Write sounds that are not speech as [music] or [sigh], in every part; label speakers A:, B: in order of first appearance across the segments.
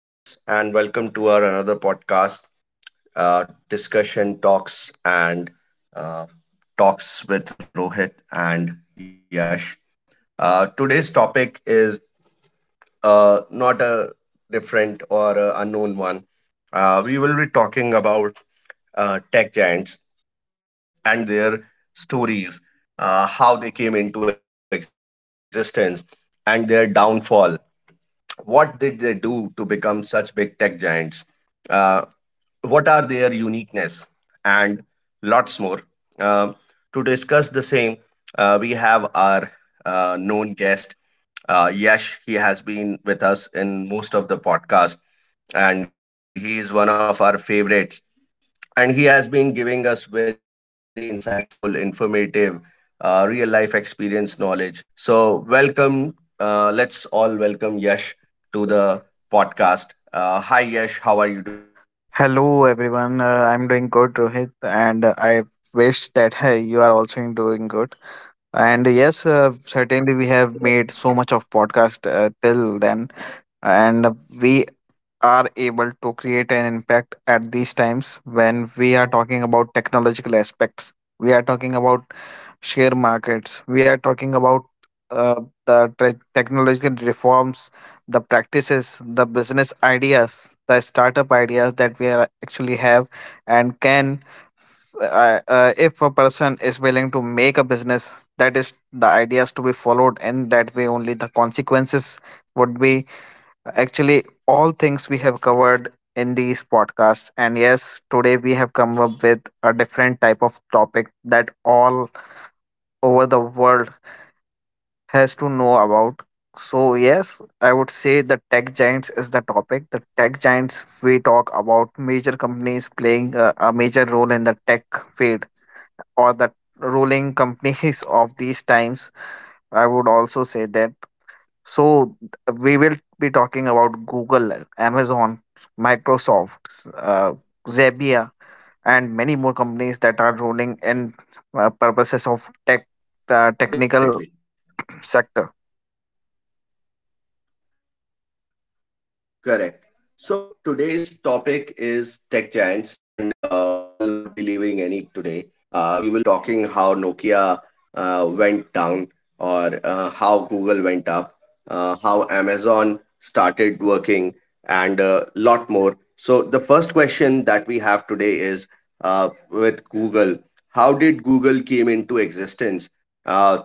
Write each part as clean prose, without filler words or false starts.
A: Good evening, friends, and welcome to our another podcast, discussion talks and uh, talks with Rohit and Yash. Today's topic is not a different or a unknown one. We will be talking about tech giants and their stories, how they came into existence, and their downfall. What did they do to become such big tech giants? Uh, what are their uniqueness? And lots more. Uh, to discuss the same, we have our known guest, Yash. He has been with us in most of the podcast, and he is one of our favorites and he has been giving us very insightful, informative, real life experience knowledge. So, welcome. Let's all welcome Yash to the podcast. Hi, Yash. How are you doing today?
B: Hello everyone, I'm doing good, Rohit, and I wish that hey, you are also doing good. And yes, certainly we have
A: Yes,
B: made
A: yes,
B: so much of podcast till then, and we are able to create an impact at these times when we are talking about technological aspects. We are talking about share markets. We are talking about uh, the technological reforms, the practices, the business ideas, the startup ideas that we are actually have and can if a person is willing to make a business, that is the ideas to be followed, and that way only the consequences would be actually all things we have covered in these podcasts. And yes, today we have come up with a different type of topic that all over the world has to know about. So yes, I would say the tech giants is the topic. The tech giants, we talk about major companies playing a major role in the tech field, or the ruling companies [laughs] of these times, I would also say that. So we will be talking about Google, Amazon, Microsoft, Zebia, and many more companies that are ruling in purposes of tech,
A: definitely.
B: technical [clears throat] sector.
A: Correct. So today's topic is tech giants, and we will not be leaving any today. We will be talking how Nokia went down, or how Google went up, how Amazon started working, and a lot more. So the first question that we have today is with Google. How did Google came into existence? Uh,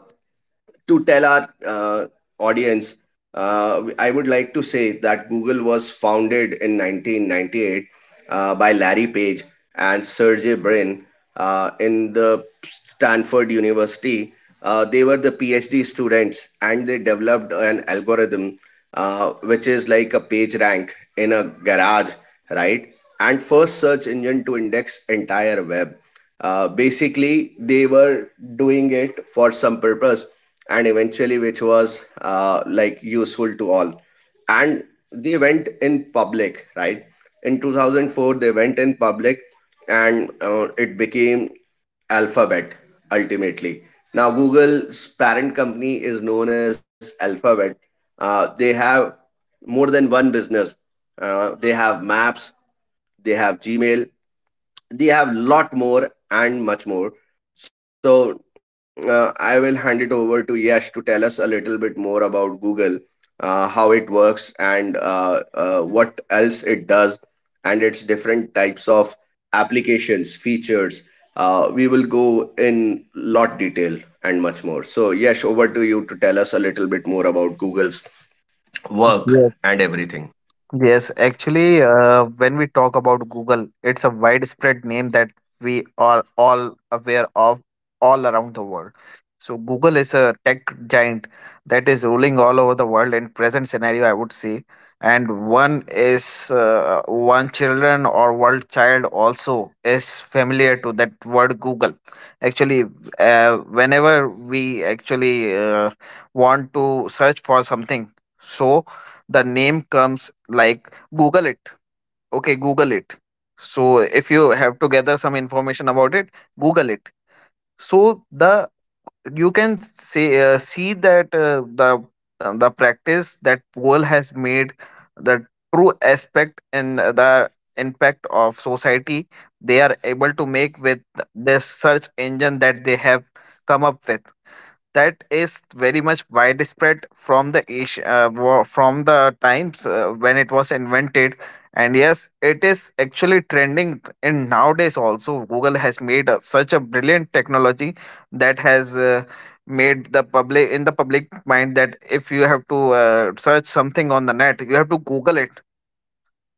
A: to tell our audience, I would like to say that Google was founded in 1998 by Larry Page and Sergey Brin in the Stanford University. They were the PhD students and they developed an algorithm which is like a page rank in a garage, right? And first search engine to index entire web. Basically, they were doing it for some purpose and eventually which was like useful to all. And they went in public, right? In 2004, they went in public and it became Alphabet ultimately. Now, Google's parent company is known as Alphabet. They have more than one business. They have Maps, they have Gmail, they have lot more and much more. So I will hand it over to Yash to tell us a little bit more about Google, how it works, and what else it does, and its different types of applications, features. We will go in lot detail and much more. So, Yash, over to you to tell us a little bit more about Google's work
B: Yes.
A: and everything.
B: Yes, actually, when we talk about Google, it's a widespread name that we are all aware of all around the world. So, Google is a tech giant that is ruling all over the world in present scenario, I would say. And one is one children or world child also is familiar to that word Google. Actually, whenever we actually want to search for something, so the name comes like "Google it." Okay, Google it. So if you have to gather some information about it, Google it. So the, you can say see that the practice that poll has made, the true aspect and the impact of society they are able to make with this search engine that they have come up with, that is very much widespread from the from the times when it was invented. And yes, it is actually trending in nowadays also. Google has made such a brilliant technology that has made the public, in the public mind, that if you have to search something on the net, you have to Google it.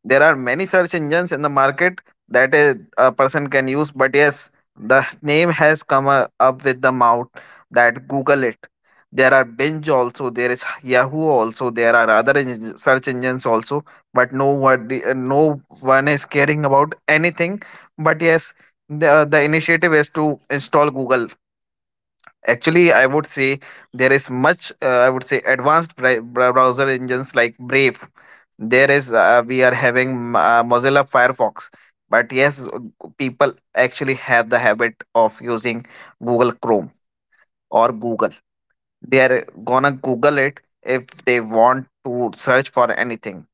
B: There are many search engines in the market that a person can use, but yes, the name has come up with the mouth, that Google it. There are Binge also, there is Yahoo also, there are other search engines also, but no one, no one is caring about anything. But yes, the initiative is to install Google. Actually, I would say there is much. I would say advanced browser engines like Brave. There is we are having Mozilla Firefox, but yes, people actually have the habit of using Google Chrome or Google. They are gonna Google it if they want to search for anything.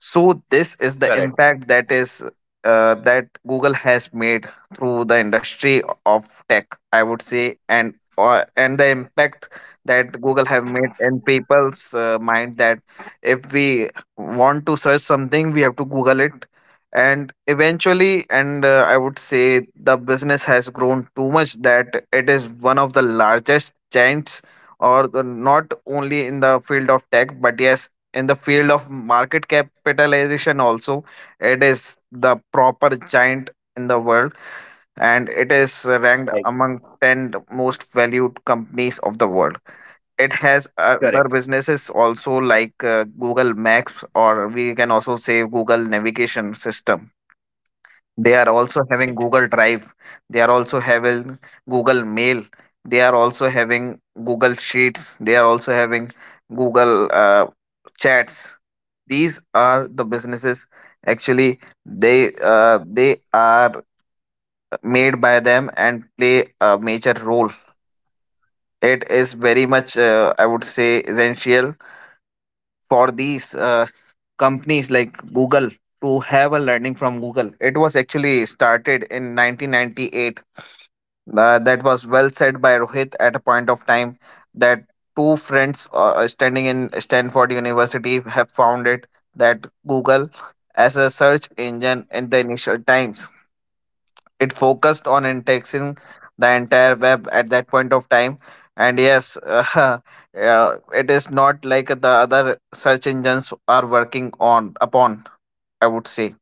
B: So this is the
A: Correct.
B: impact that is that Google has made through the industry of tech, I would say, and the impact that Google have made in people's mind, that if we want to search something, we have to Google it. And eventually, and I would say the business has grown too much that it is one of the largest giants, or the, not only in the field of tech, but yes, in the field of market capitalization also, it is the proper giant in the world, and it is ranked
A: Right.
B: among 10 most valued companies of the world. It has other
A: Correct.
B: businesses also, like Google Maps, or we can also say Google navigation system. They are also having
A: Right.
B: Google Drive, they are also having Google Mail, they are also having Google Sheets, they are also having Google Chats. These are the businesses, actually, they are made by them and play a major role. It is very much I would say essential for these companies like Google to have a learning from Google. It was actually started in 1998. That was well said by Rohit at a point of time, that two friends standing in Stanford University have found it, that Google as a search engine in the initial times. It focused on indexing the entire web at that point of time. And yes, [laughs] it is not like the other search engines are working on upon, I would say.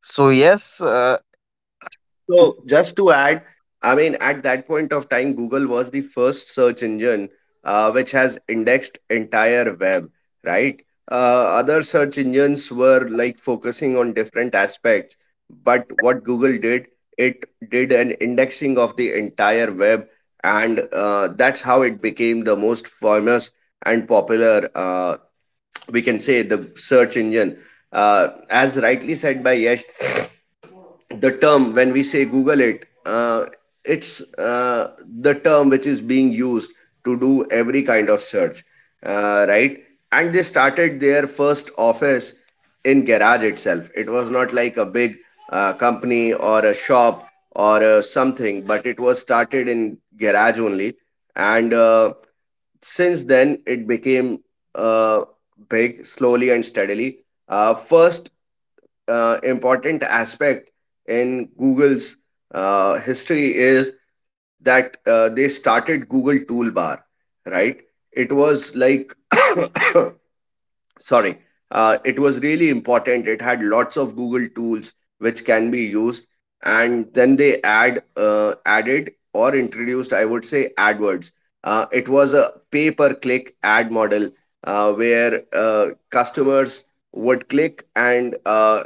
B: So yes,
A: Definitely. So just to add, I mean, at that point of time, Google was the first search engine which has indexed entire web, right? Other search engines were like focusing on different aspects, but what Google did, it did an indexing of the entire web, and that's how it became the most famous and popular. We can say the search engine, as rightly said by Yesh, the term when we say Google it, it's uh, the term which is being used to do every kind of search, right. And they started their first office in garage itself. It was not like a big company or a shop or something, but it was started in garage only. And since then it became uh, big slowly and steadily. First important aspect in Google's history is that they started Google Toolbar, right? It was like [coughs] sorry, it was really important. It had lots of Google tools which can be used. And then they added or introduced, I would say, AdWords. It was a pay per click ad model where customers would click and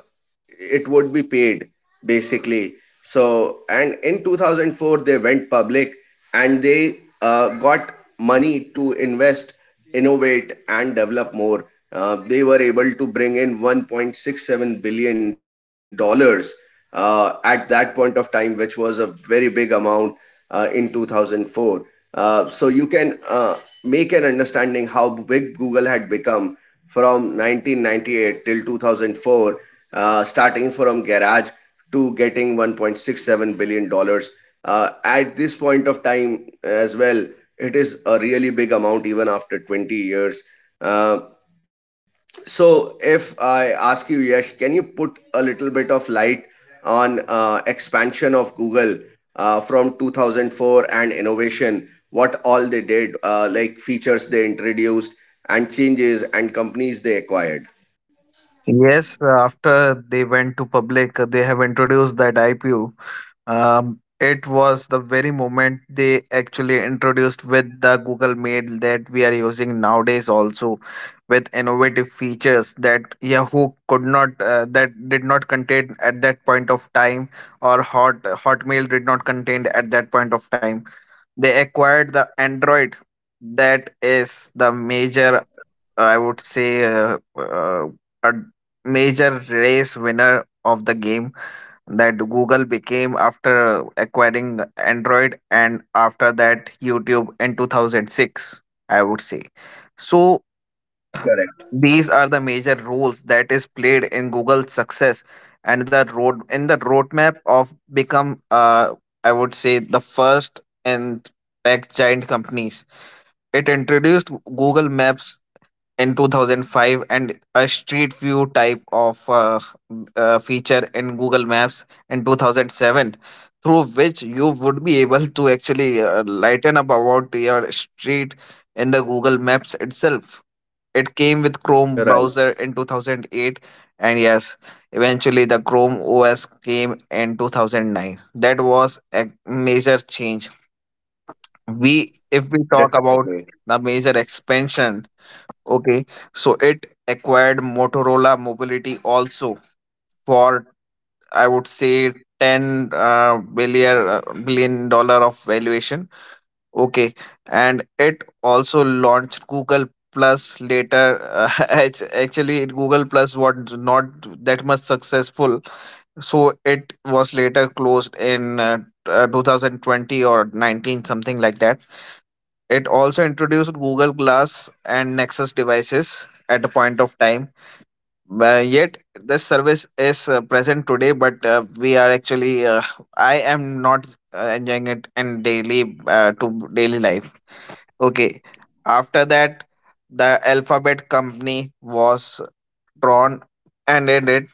A: it would be paid basically. So, and in 2004 they went public and they got money to invest, innovate and develop more. They were able to bring in 1.67 billion dollars at that point of time, which was a very big amount in 2004. So you can make an understanding how big Google had become from 1998 till 2004, starting from garage to getting 1.67 billion dollars. At this point of time as well, it is a really big amount even after 20 years. Uh, so, if I ask you, Yash, can you put a little bit of light on expansion of Google from 2004 and innovation? What all they did, like features they introduced and changes and companies they acquired?
B: yes, after they went to public, they have introduced that IPO. It was the very moment they actually introduced with the Google Mail that we are using nowadays, also with innovative features that Yahoo could not, that did not contain at that point of time, or Hot Hotmail did not contain at that point of time. They acquired the Android. That is the major, I would say a major race winner of the game that Google became after acquiring Android, and after that YouTube in 2006, I would say. So these are the major roles that is played in Google's success, and the road in the roadmap of become I would say the first and tech giant companies. It introduced Google Maps in 2005, and a street view type of feature in Google Maps in 2007, through which you would be able to actually lighten up about your street in the Google Maps itself. It came with Chrome
A: Right,
B: browser in 2008, and yes, eventually the Chrome OS came in 2009. That was a major change, we, if we talk about
A: definitely.
B: the major expansion. Okay, so it acquired Motorola Mobility also for, I would say, 10 billion dollars of valuation. Okay, and it also launched Google Plus later. [laughs] Actually, Google Plus was not that much successful, so it was later closed in 2020 or 19, something like that. It also introduced Google Glass and Nexus devices at a point of time. Yet this service is present today, but we are actually I am not enjoying it in daily to daily life. Okay, after that, the Alphabet company was drawn and ended.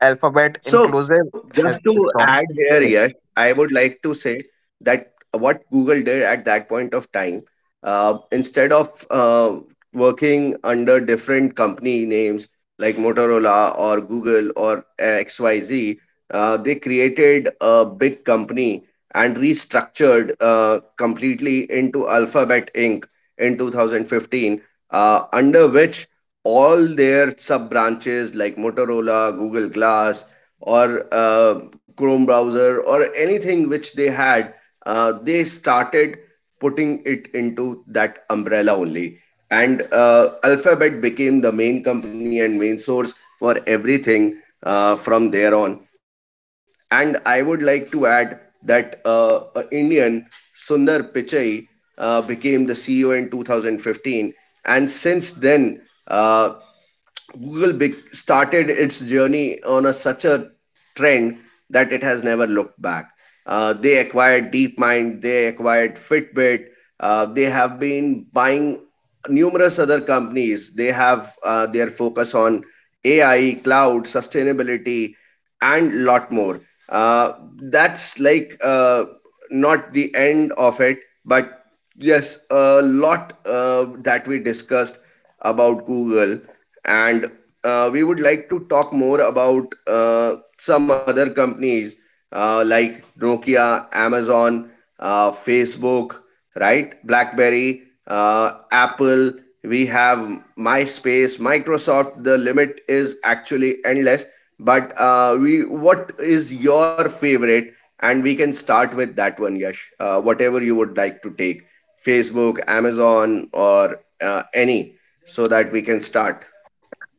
B: Alphabet
A: So
B: inclusive
A: just
B: has
A: to add
B: strong.
A: here, yes, I would like to say that what Google did at that point of time, instead of working under different company names like Motorola or Google or XYZ, they created a big company and restructured completely into Alphabet Inc. in 2015, under which all their sub branches like Motorola, Google Glass, or Chrome browser or anything which they had, they started putting it into that umbrella only. And Alphabet became the main company and main source for everything from there on. And I would like to add that Indian Sundar Pichai became the CEO in 2015, and since then, uh, Google big started its journey on a, such a trend that it has never looked back. They acquired DeepMind, they acquired Fitbit, they have been buying numerous other companies. They have their focus on AI, cloud, sustainability, and lot more. Uh, that's like not the end of it, but yes, a lot that we discussed about Google, and we would like to talk more about some other companies like Nokia, Amazon, Facebook, right? BlackBerry, Apple. We have MySpace, Microsoft. The limit is actually endless, but what is your favorite? And we can start with that one, Yash. Whatever you would like to take, Facebook, Amazon, or any, so that we can start.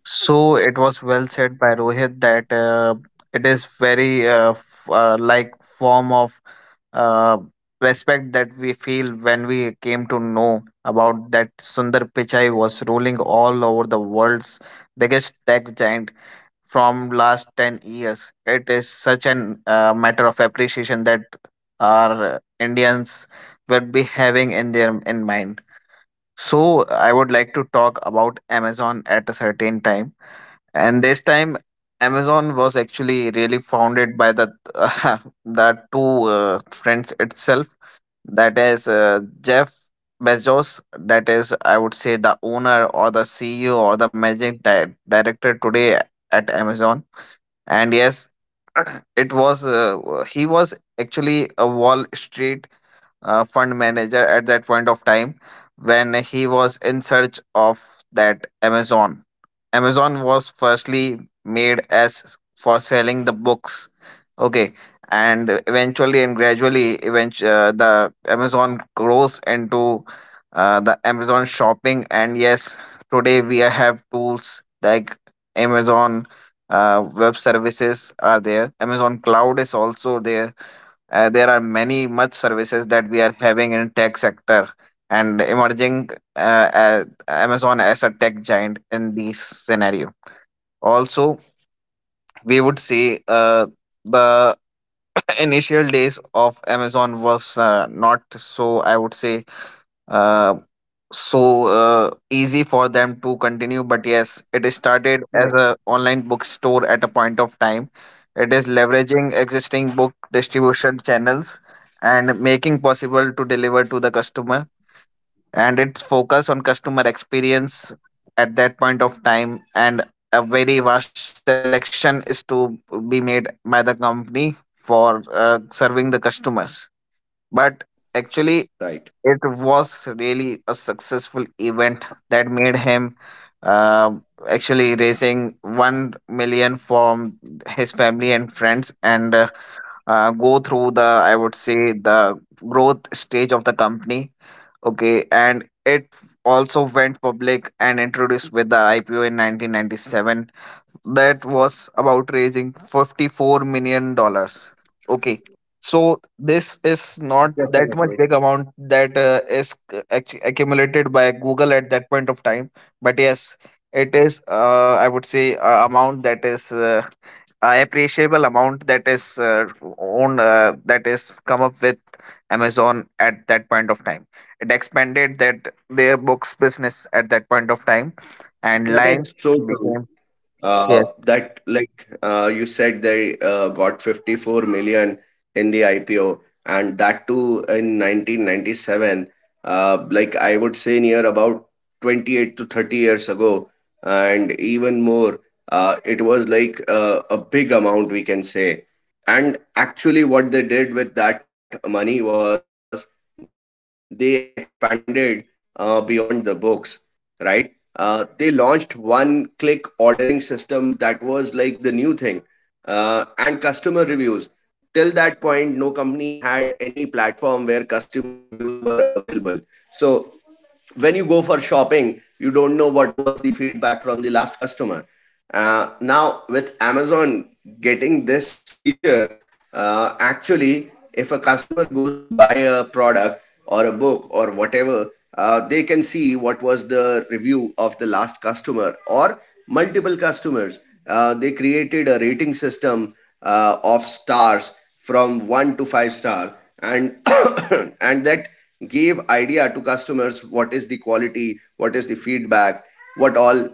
B: So it was well said by Rohit that it is very like form of uh, respect that we feel when we came to know about that Sundar Pichai was ruling all over the world's biggest tech giant from last 10 years. It is such an matter of appreciation that our Indians will be having in their in mind. So I would like to talk about Amazon at a certain time. And this time, Amazon was actually really founded by the [laughs] the two friends itself, that is Jeff Bezos, that is, I would say, the owner or the CEO or the managing director today at Amazon. And yes, [clears throat] it was he was actually a Wall Street fund manager at that point of time when he was in search of that Amazon. Amazon was firstly made as for selling the books. Okay, and eventually and gradually, eventually the Amazon grows into the Amazon shopping. And yes, today we have tools like Amazon web services are there, Amazon Cloud is also there. There are many much services that we are having in tech sector, and emerging Amazon as a tech giant in this scenario also, we would say the initial days of Amazon was not so, I would say, uh, easy for them to continue, but yes, it started as a online bookstore at a point of time. It is leveraging existing book distribution channels and making possible to deliver to the customer, and its focus on customer experience at that point of time, and a very vast selection is to be made by the company for serving the customers. But actually,
A: Right.
B: it was really a successful event that made him uh, actually raising 1 million from his family and friends, and go through the, I would say, the growth stage of the company. Okay, and it also went public and introduced with the IPO in 1997, that was about raising 54 million dollars. Okay, so this is not that much
A: Definitely.
B: big amount that is accumulated by Google at that point of time, but yes, it is I would say amount that is appreciable amount that is owned, that is come up with Amazon at that point of time. It expanded that their books business at that point of time, and
A: That
B: line
A: is so true.
B: became yes.
A: That like you said they got 54 million in the IPO, and that too in 1997, like I would say near about 28 to 30 years ago and even more. It was like a big amount, we can say. And actually what they did with that money was they expanded beyond the books, right? They launched one click ordering system that was like the new thing, and customer reviews. Till that point, no company had any platform where customer reviews were available. So, when you go for shopping, you don't know what was the feedback from the last customer. Now, with Amazon getting this feature, actually, if a customer goes to buy a product or a book or whatever, they can see what was the review of the last customer or multiple customers. They created a rating system of stars from one to five star, and [coughs] and that gave idea to customers what is the quality, what is the feedback, what all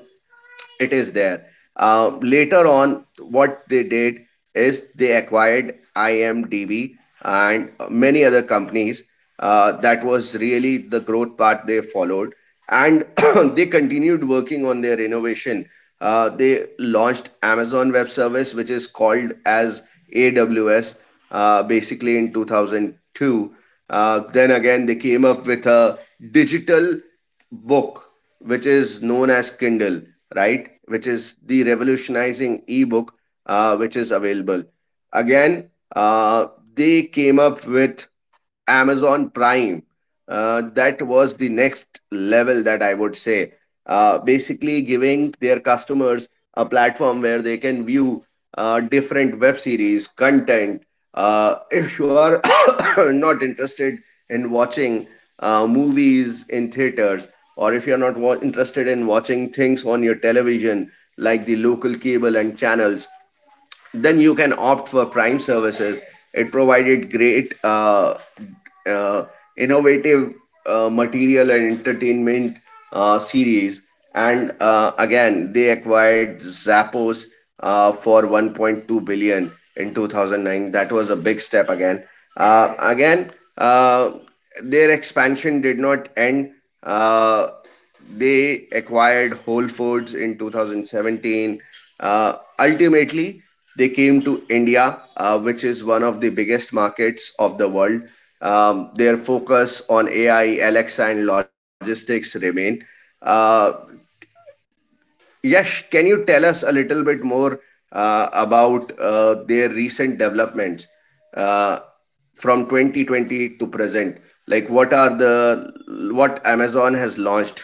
A: it is there. Later on, what they did is they acquired IMDb and many other companies. That was really the growth path they followed, and [coughs] [clears throat] they continued working on their innovation. They launched Amazon Web Service, which is called as AWS, basically in 2002. Then again, they came up with a digital book which is known as Kindle, right, which is the revolutionizing ebook which is available. Again, uh, they came up with Amazon Prime. That was the next level, that I would say basically giving their customers a platform where they can view different web series content. If you are [coughs] not interested in watching movies in theaters, or if you're not wa- interested in watching things on your television like the local cable and channels, then you can opt for prime services. It provided great uh, innovative material and entertainment series. And again they acquired Zappos for 1.2 billion in 2009. That was a big step again. uh, again uh, their expansion did not end. uh, they acquired Whole Foods in 2017. Ultimately, they came to India, which is one of the biggest markets of the world. Their focus on AI, Alexa, and logistics remain. Uh, Yash, can you tell us a little bit more about their recent developments uh, from 2020 to present? Like, what are the what Amazon has launched?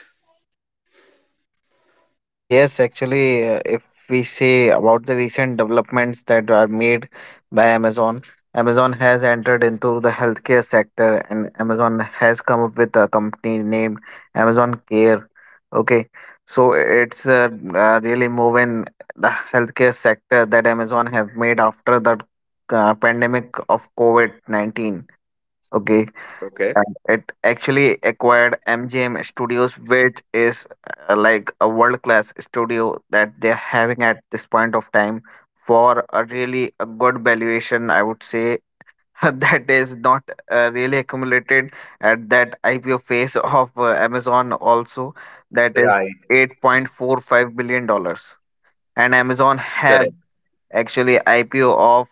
B: Yes, actually, if we say about the recent developments that are made by Amazon, Amazon has entered into the healthcare sector, and Amazon has come up with a company named Amazon Care. Okay, so it's really moving the healthcare sector that Amazon have made after the pandemic of COVID-19. Okay,
A: Okay.
B: and it actually acquired MGM Studios, which is, like, a world class studio that they're having at this point of time, for a really a good valuation, I would say. [laughs] That is not really accumulated at that IPO phase [laughs] of Amazon, also. That is $8.45 billion dollars, and Amazon
A: Correct.
B: have actually IPO of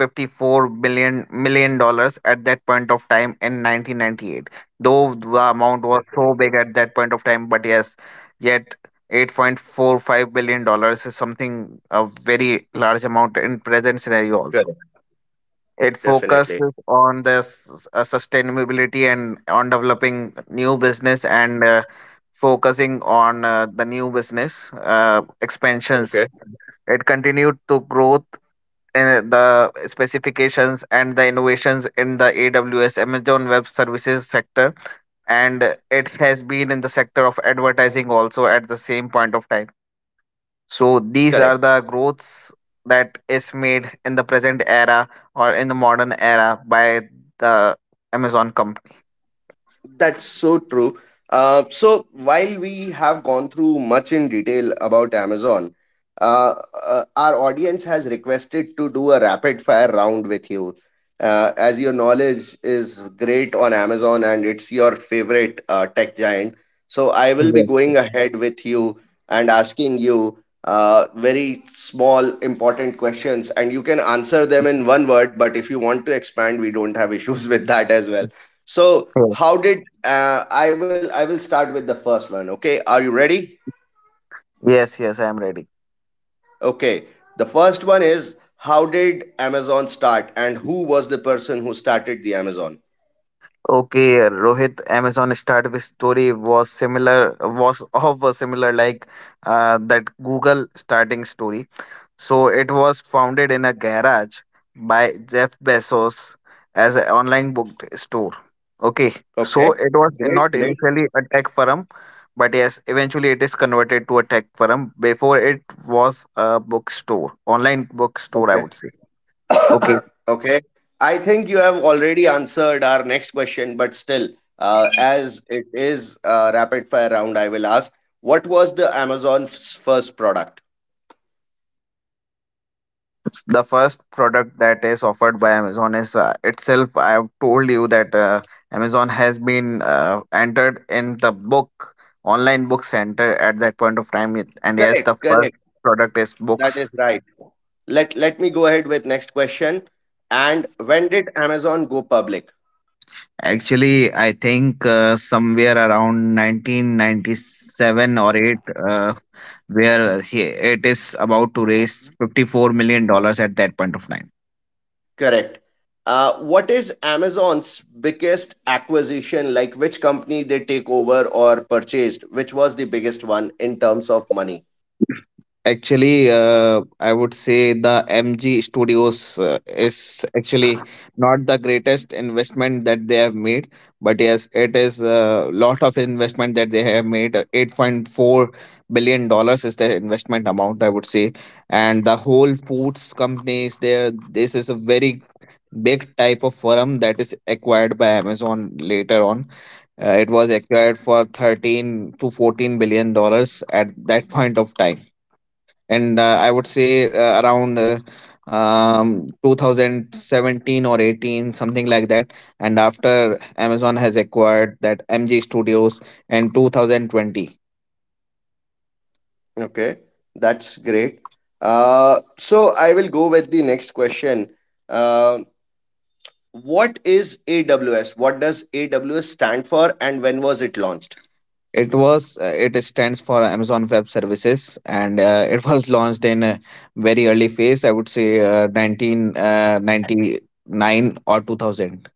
B: 54 billion million dollars at that point of time in 1998, though the amount was so
A: Definitely.
B: big at that point of time, but yes, yet $8.45 billion is something a very large amount in present scenario also.
A: Correct.
B: It
A: Definitely.
B: focuses on the sustainability, and on developing new business, and focusing on the new business expansions.
A: Okay.
B: It continued to growth the specifications and the innovations in the AWS Amazon Web Services sector, and it has been in the sector of advertising also at the same point of time. So these
A: Correct.
B: are the growths that is made in the present era, or in the modern era, by the Amazon company.
A: That's so true. So while we have gone through much in detail about Amazon, uh, our audience has requested to do a rapid fire round with you. As your knowledge is great on Amazon and it's your favorite tech giant, so I will be
B: Yes,
A: going ahead with you and asking you very small important questions, and you can answer them in one word. But if you want to expand, we don't have issues [laughs] with that as well. So
B: yes,
A: how did I will start with the first one. Okay, are you ready?
B: yes. Yes, I am ready.
A: Okay, the first one is how did Amazon start and who was the person who started the Amazon?
B: Okay, Rohit, Amazon start with story was similar, was of a similar, like, that Google starting story. So it was founded in a garage by Jeff Bezos as an online book store. Okay,
A: Okay,
B: so it was
A: great,
B: not
A: great.
B: initially a tech firm, but yes, eventually it is converted to a tech firm. Before it was a bookstore, online bookstore, I
A: Okay,
B: would say. Okay.
A: [coughs] okay. I think you have already answered our next question, but still, as it is a rapid fire round, I will ask what was the Amazon's first product?
B: The first product that is offered by Amazon is, itself I have told you that Amazon has been entered in the book online book center at that point of time. And yes,
A: Correct,
B: the first
A: correct.
B: product is
A: That is
B: books.
A: right. Let me go ahead with next question. And when did Amazon go public?
B: Actually, I think somewhere around 1997 or 8, uh, where he, it is about to raise $54 million at that point of time.
A: Correct. What is Amazon's biggest acquisition? Like which company they take over or purchased? Which was the biggest one in terms of money?
B: Actually, I would say the MG Studios is actually not the greatest investment that they have made, but yes, it is a lot of investment that they have made. $8.4 billion is the investment amount, I would say. And the Whole Foods company is there. This is a very big type of firm that is acquired by Amazon later on. It was acquired for $13 to $14 billion at that point of time, and I would say around 2017 or 18, something like that. And after Amazon has acquired that MG Studios in 2020,
A: Okay, that's great. So I will go with the next question. Uh, what is AWS? What does AWS stand for, and when was it launched?
B: it stands for Amazon Web Services, and it was launched in a very early phase. I would say 1999 or 2000.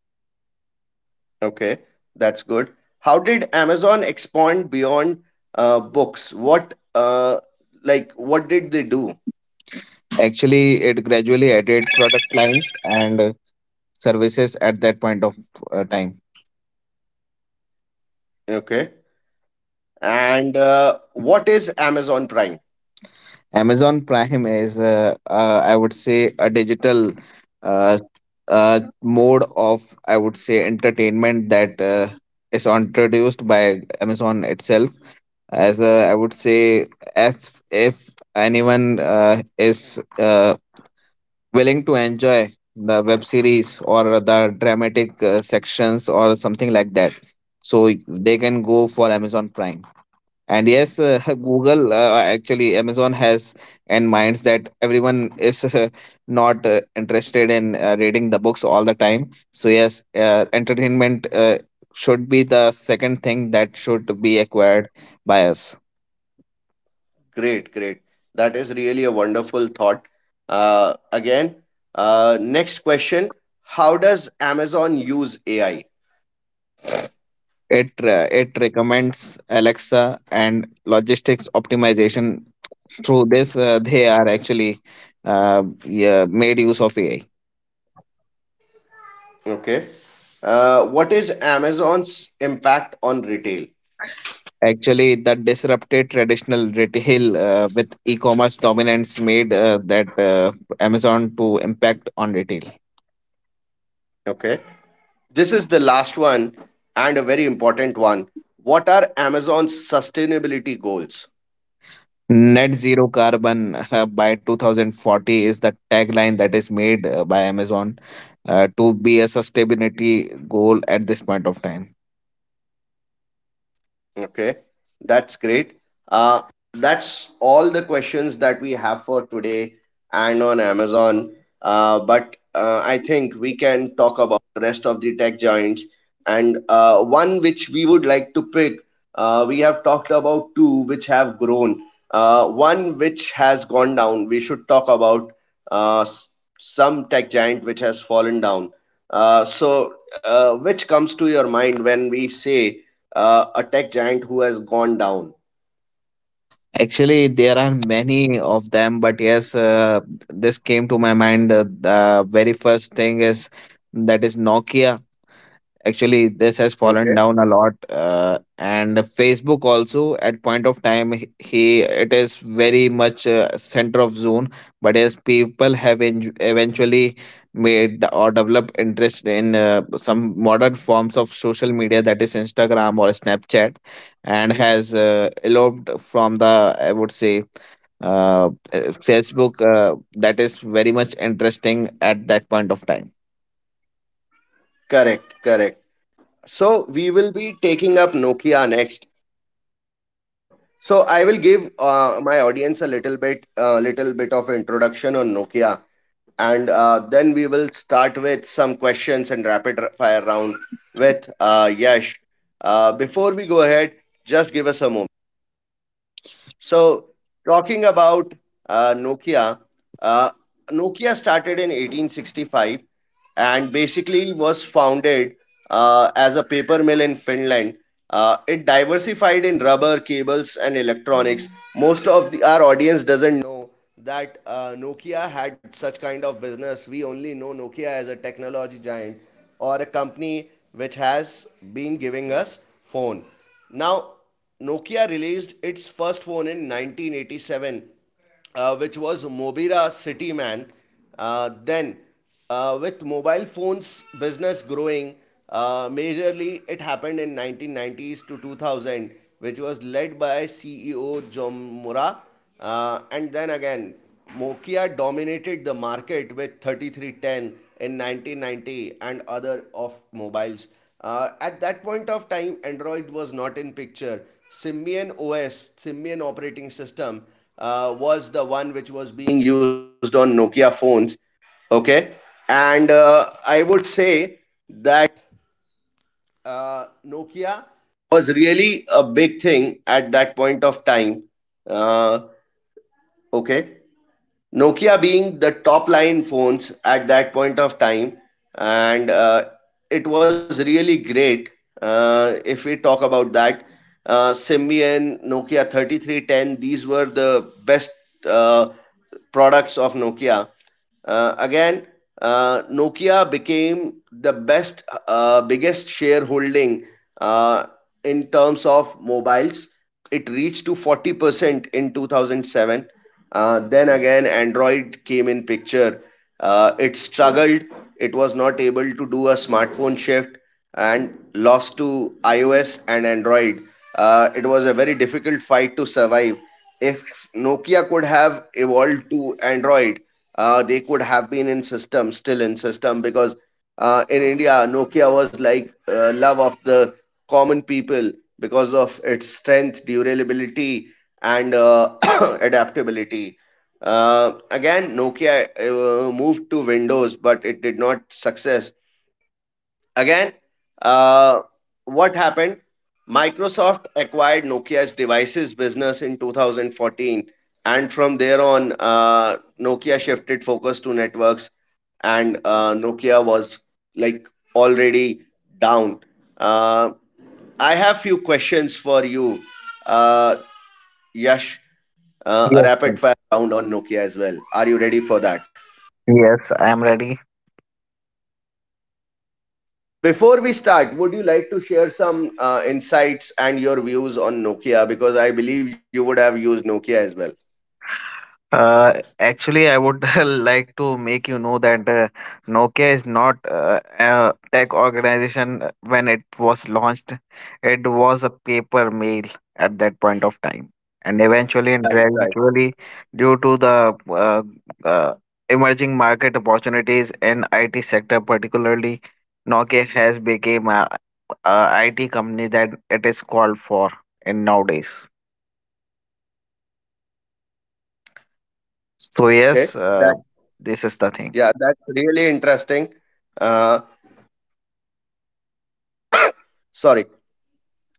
A: Okay, that's good. How did Amazon expand beyond books? What like what did they do?
B: Actually, it gradually added product lines and services at that point of time.
A: Okay, and what is Amazon Prime?
B: Amazon Prime is, I would say, a digital uh, mode of, I would say, entertainment that is introduced by Amazon itself. As a, I would say, if anyone is willing to enjoy the web series or the dramatic sections or something like that, so they can go for Amazon Prime. And yes, [laughs] Google actually Amazon has and minds that everyone is not interested in reading the books all the time. So yes, entertainment should be the second thing that should be acquired by us.
A: Great, great. That is really a wonderful thought. Uh, again, Next question: How does Amazon use AI?
B: It recommends Alexa and logistics optimization. Through this, they are actually, yeah, made use of AI.
A: Okay, what is Amazon's impact on retail?
B: Actually, the disrupted traditional retail with e-commerce dominance made that Amazon to impact on retail.
A: Okay, this is the last one and a very important one. What are Amazon's sustainability goals?
B: Net zero carbon by 2040 is the tagline that is made by Amazon to be a sustainability goal at this point of time.
A: Okay, that's great. Uh, that's all the questions that we have for today and on Amazon. But I think we can talk about the rest of the tech giants. And one which we would like to pick, we have talked about two which have grown. One which has gone down. We should talk about uh, s- some tech giant which has fallen down. So, which comes to your mind when we say a tech giant who has gone down?
B: Actually, there are many of them, but yes, this came to my mind. The very first thing is that is Nokia. Actually, this has fallen
A: Okay.
B: down a lot, and Facebook also at point of time, it is very much center of zone. But as people have eventually made or developed interest in some modern forms of social media, that is Instagram or Snapchat, and has eloped from the, I would say, uh, uh, Facebook that is very much interesting at that point of time.
A: Correct, correct. So we will be taking up Nokia next. So I will give my audience a little bit of introduction on Nokia, and then we will start with some questions and rapid fire round with Yash. Before we go ahead, just give us a moment. So, talking about Nokia, uh, Nokia started in 1865 and basically was founded as a paper mill in Finland. It diversified in rubber, cables, and electronics. Most of the, our audience doesn't know that Nokia had such kind of business. We only know Nokia as a technology giant or a company which has been giving us phone. Now, Nokia released its first phone in 1987 which was Mobira City Man. Then, with mobile phones business growing majorly, it happened in 1990s to 2000, which was led by CEO John Mora. And then again, Nokia dominated the market with 3310 in 1990 and other of mobiles. At that point of time, Android was not in picture. Symbian OS, Symbian operating system, was the one which was being used on Nokia phones. Okay, and I would say that Nokia was really a big thing at that point of time. Uh, okay, Nokia being the top line phones at that point of time, and it was really great. If we talk about that, Symbian, Nokia 3310, these were the best uh, products of Nokia. Uh, again, Nokia became the best, biggest shareholding uh, in terms of mobiles. It reached to 40% in 2007. Then again, Android came in picture. It struggled. It was not able to do a smartphone shift and lost to iOS and Android. It was a very difficult fight to survive. If Nokia could have evolved to Android, they could have been in system still in system because in India, Nokia was like love of the common people because of its strength, durability, and [coughs] [clears throat] adaptability. Again Nokia moved to Windows but it did not success. Again, uh, what happened? Microsoft acquired Nokia's devices business in 2014, and from there on, Nokia shifted focus to networks, and Nokia was like already down. Uh, I have few questions for you, uh, Yash. A
B: Yes,
A: rapid
B: sir.
A: fire round on Nokia as well. Are you ready for that?
B: Yes, I am ready.
A: Before we start, would you like to share some insights and your views on Nokia? Because I believe you would have used Nokia as well.
B: Actually, I would [laughs] like to make you know that Nokia is not a tech organization when it was launched. It was a paper mail at that point of time, and eventually and
A: Right, right.
B: gradually, due to the uh, emerging market opportunities in IT sector, particularly, Nokia has become a IT company that it is called for in nowadays. So yes,
A: Okay. That
B: this is the thing.
A: yeah, that's really interesting. Uh, [coughs] [clears throat] sorry.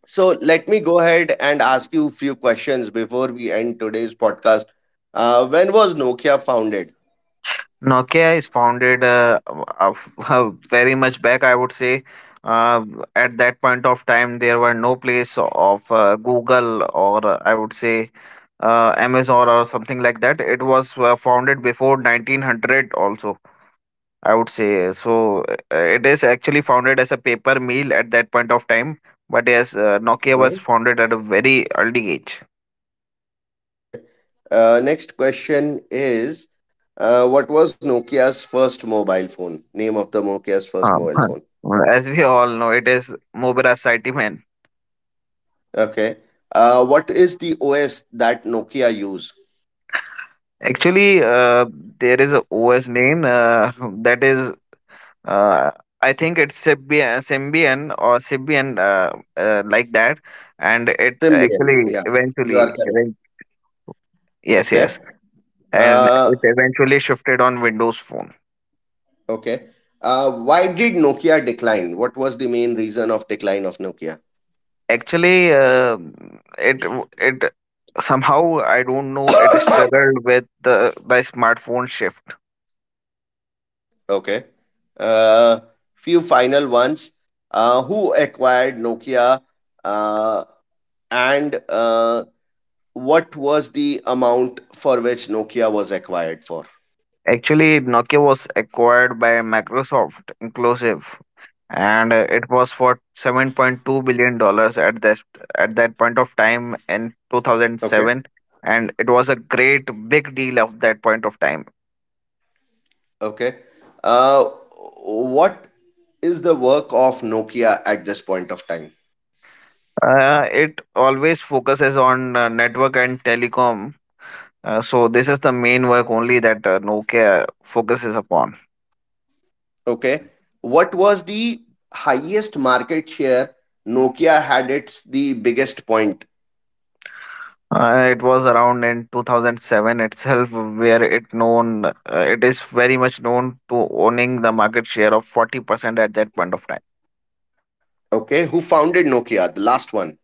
A: So let me go ahead and ask you a few questions before we end today's podcast. When was Nokia founded?
B: Nokia is founded uh, very much back, I would say. Uh, at that point of time, there were no place of Google or I would say Amazon or something like that. It was founded before 1900 also, I would say. So it is
A: Okay.
B: actually founded as a paper mill at that point of time. But yes, Nokia was
A: Uh-huh.
B: founded at a very early age.
A: Okay. Next question is, what was Nokia's first mobile phone? Name of the Nokia's first
B: Um,
A: mobile phone.
B: [laughs] as we all know, it is Mobira City Man.
A: Okay. What is the OS that Nokia used?
B: Actually, there is a OS name that is, uh, I think it's Symbian, Symbian or Symbian, like that. And it
A: Symbian.
B: actually
A: Yeah, you are
B: eventually,
A: correct.
B: yes,
A: Okay.
B: yes, and
A: Uh,
B: it eventually shifted on Windows Phone.
A: okay. Why did Nokia decline? What was the main reason of decline of Nokia?
B: Actually, it somehow I don't know, it struggled with the smartphone shift.
A: Okay. Uh, Few final ones. Who acquired Nokia? Uh, and what was the amount for which Nokia was acquired for?
B: Actually, Nokia was acquired by Microsoft Inclusive, and it was for $7.2 billion at this at that point of time in
A: Okay.
B: 2007, and it was a great big deal of that point of time.
A: Okay. Uh, what is the work of Nokia at this point of time?
B: It always focuses on network and telecom, so this is the main work only that Nokia focuses upon.
A: Okay. What was the highest market share Nokia had its the biggest point?
B: It was around in 2007 itself where it known, it is very much known to owning the market share of 40% at that point of time.
A: Okay. Who founded Nokia? The last one.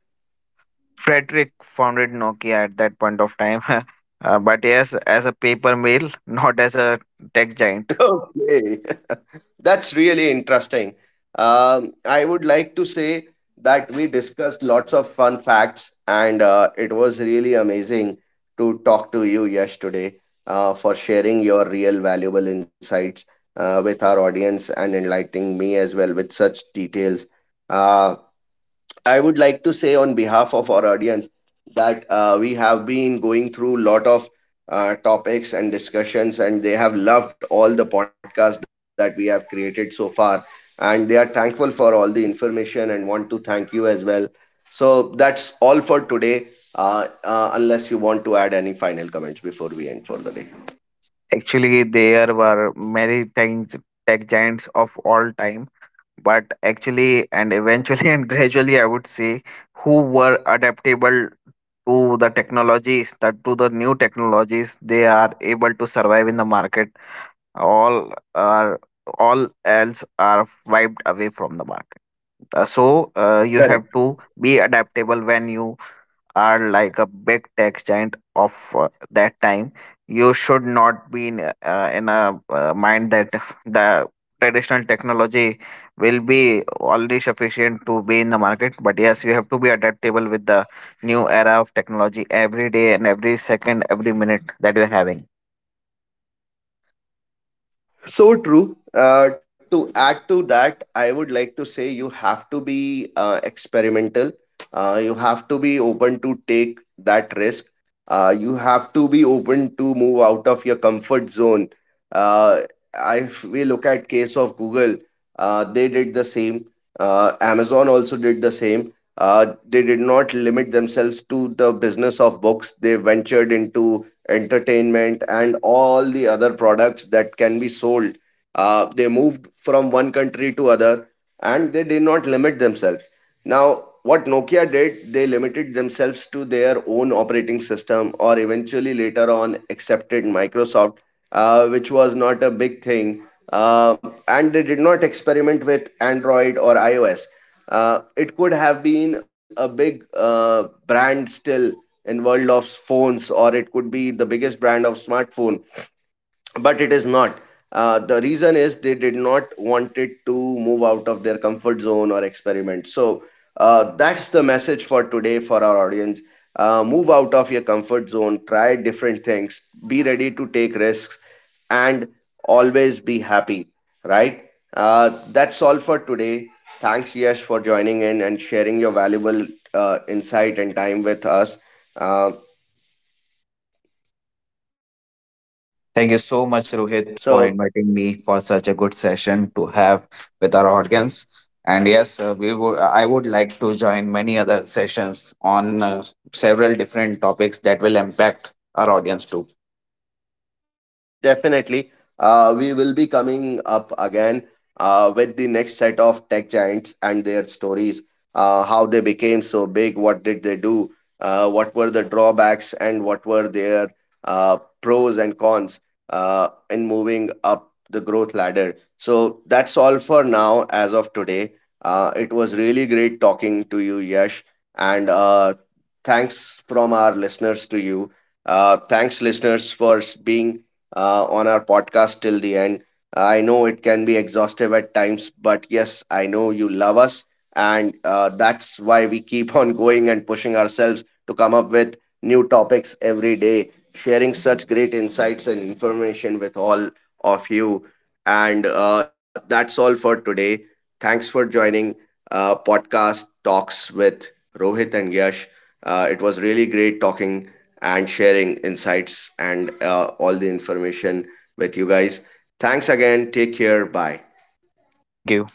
B: Frederick founded Nokia at that point of time, [laughs] but yes, as a paper mill, [laughs] not as a tech giant.
A: Okay, [laughs] that's really interesting. I would like to say that we discussed lots of fun facts, and it was really amazing to talk to you yesterday for sharing your real valuable insights with our audience and enlightening me as well with such details. Uh, I would like to say on behalf of our audience that we have been going through a lot of topics and discussions, and they have loved all the podcasts that we have created so far. And they are thankful for all the information and want to thank you as well. So that's all for today, unless you want to add any final comments before we end for the day.
B: Actually, there were many tech giants of all time, but actually and eventually and [laughs] gradually, I would say, who were adaptable to the technologies, that to the new technologies, they are able to survive in the market. All are, all else are wiped away from the market. So you have to
A: Correct.
B: be adaptable when you are like a big tech giant of that time. You should not be in, in a mind that the traditional technology will be already sufficient to be in the market, but yes, you have to be adaptable with the new era of technology every day and every second, every minute, that you're having.
A: So true. To add to that, I would like to say you have to be experimental. You have to be open to take that risk. You have to be open to move out of your comfort zone. Uh, if we look at case of Google, they did the same. Amazon also did the same. They did not limit themselves to the business of books. They ventured into entertainment and all the other products that can be sold. They moved from one country to other and they did not limit themselves. Now, what Nokia did, they limited themselves to their own operating system or eventually later on accepted Microsoft which was not a big thing. And they did not experiment with Android or iOS. It could have been a big brand still in world of phones, or it could be the biggest brand of smartphone but it is not. The reason is they did not wanted to move out of their comfort zone or experiment. So that's the message for today for our audience. Move out of your comfort zone, try different things, be ready to take risks, and always be happy, right? That's all for today. Thanks, Yash, for joining in and sharing your valuable insight and time with us. uh,
B: Thank you so much, Rohit, for
A: so
B: inviting me for such a good session to have with our audience. And yes, we would. I would like to join many other sessions on several different topics that will impact our audience too.
A: Definitely. We will be coming up again with the next set of tech giants and their stories. How they became so big, what did they do, what were the drawbacks, and what were their pros and cons in moving up the growth ladder. So that's all for now as of today. It was really great talking to you, Yash, and thanks from our listeners to you. Thanks, listeners, for being on our podcast till the end. I know it can be exhaustive at times, but yes, I know you love us. And that's why we keep on going and pushing ourselves to come up with new topics every day, sharing such great insights and information with all of you. And that's all for today. Thanks for joining podcast talks with Rohit and Yash. It was really great talking and sharing insights and all the information with you guys. Thanks again. Take care. Bye.
B: Thank you.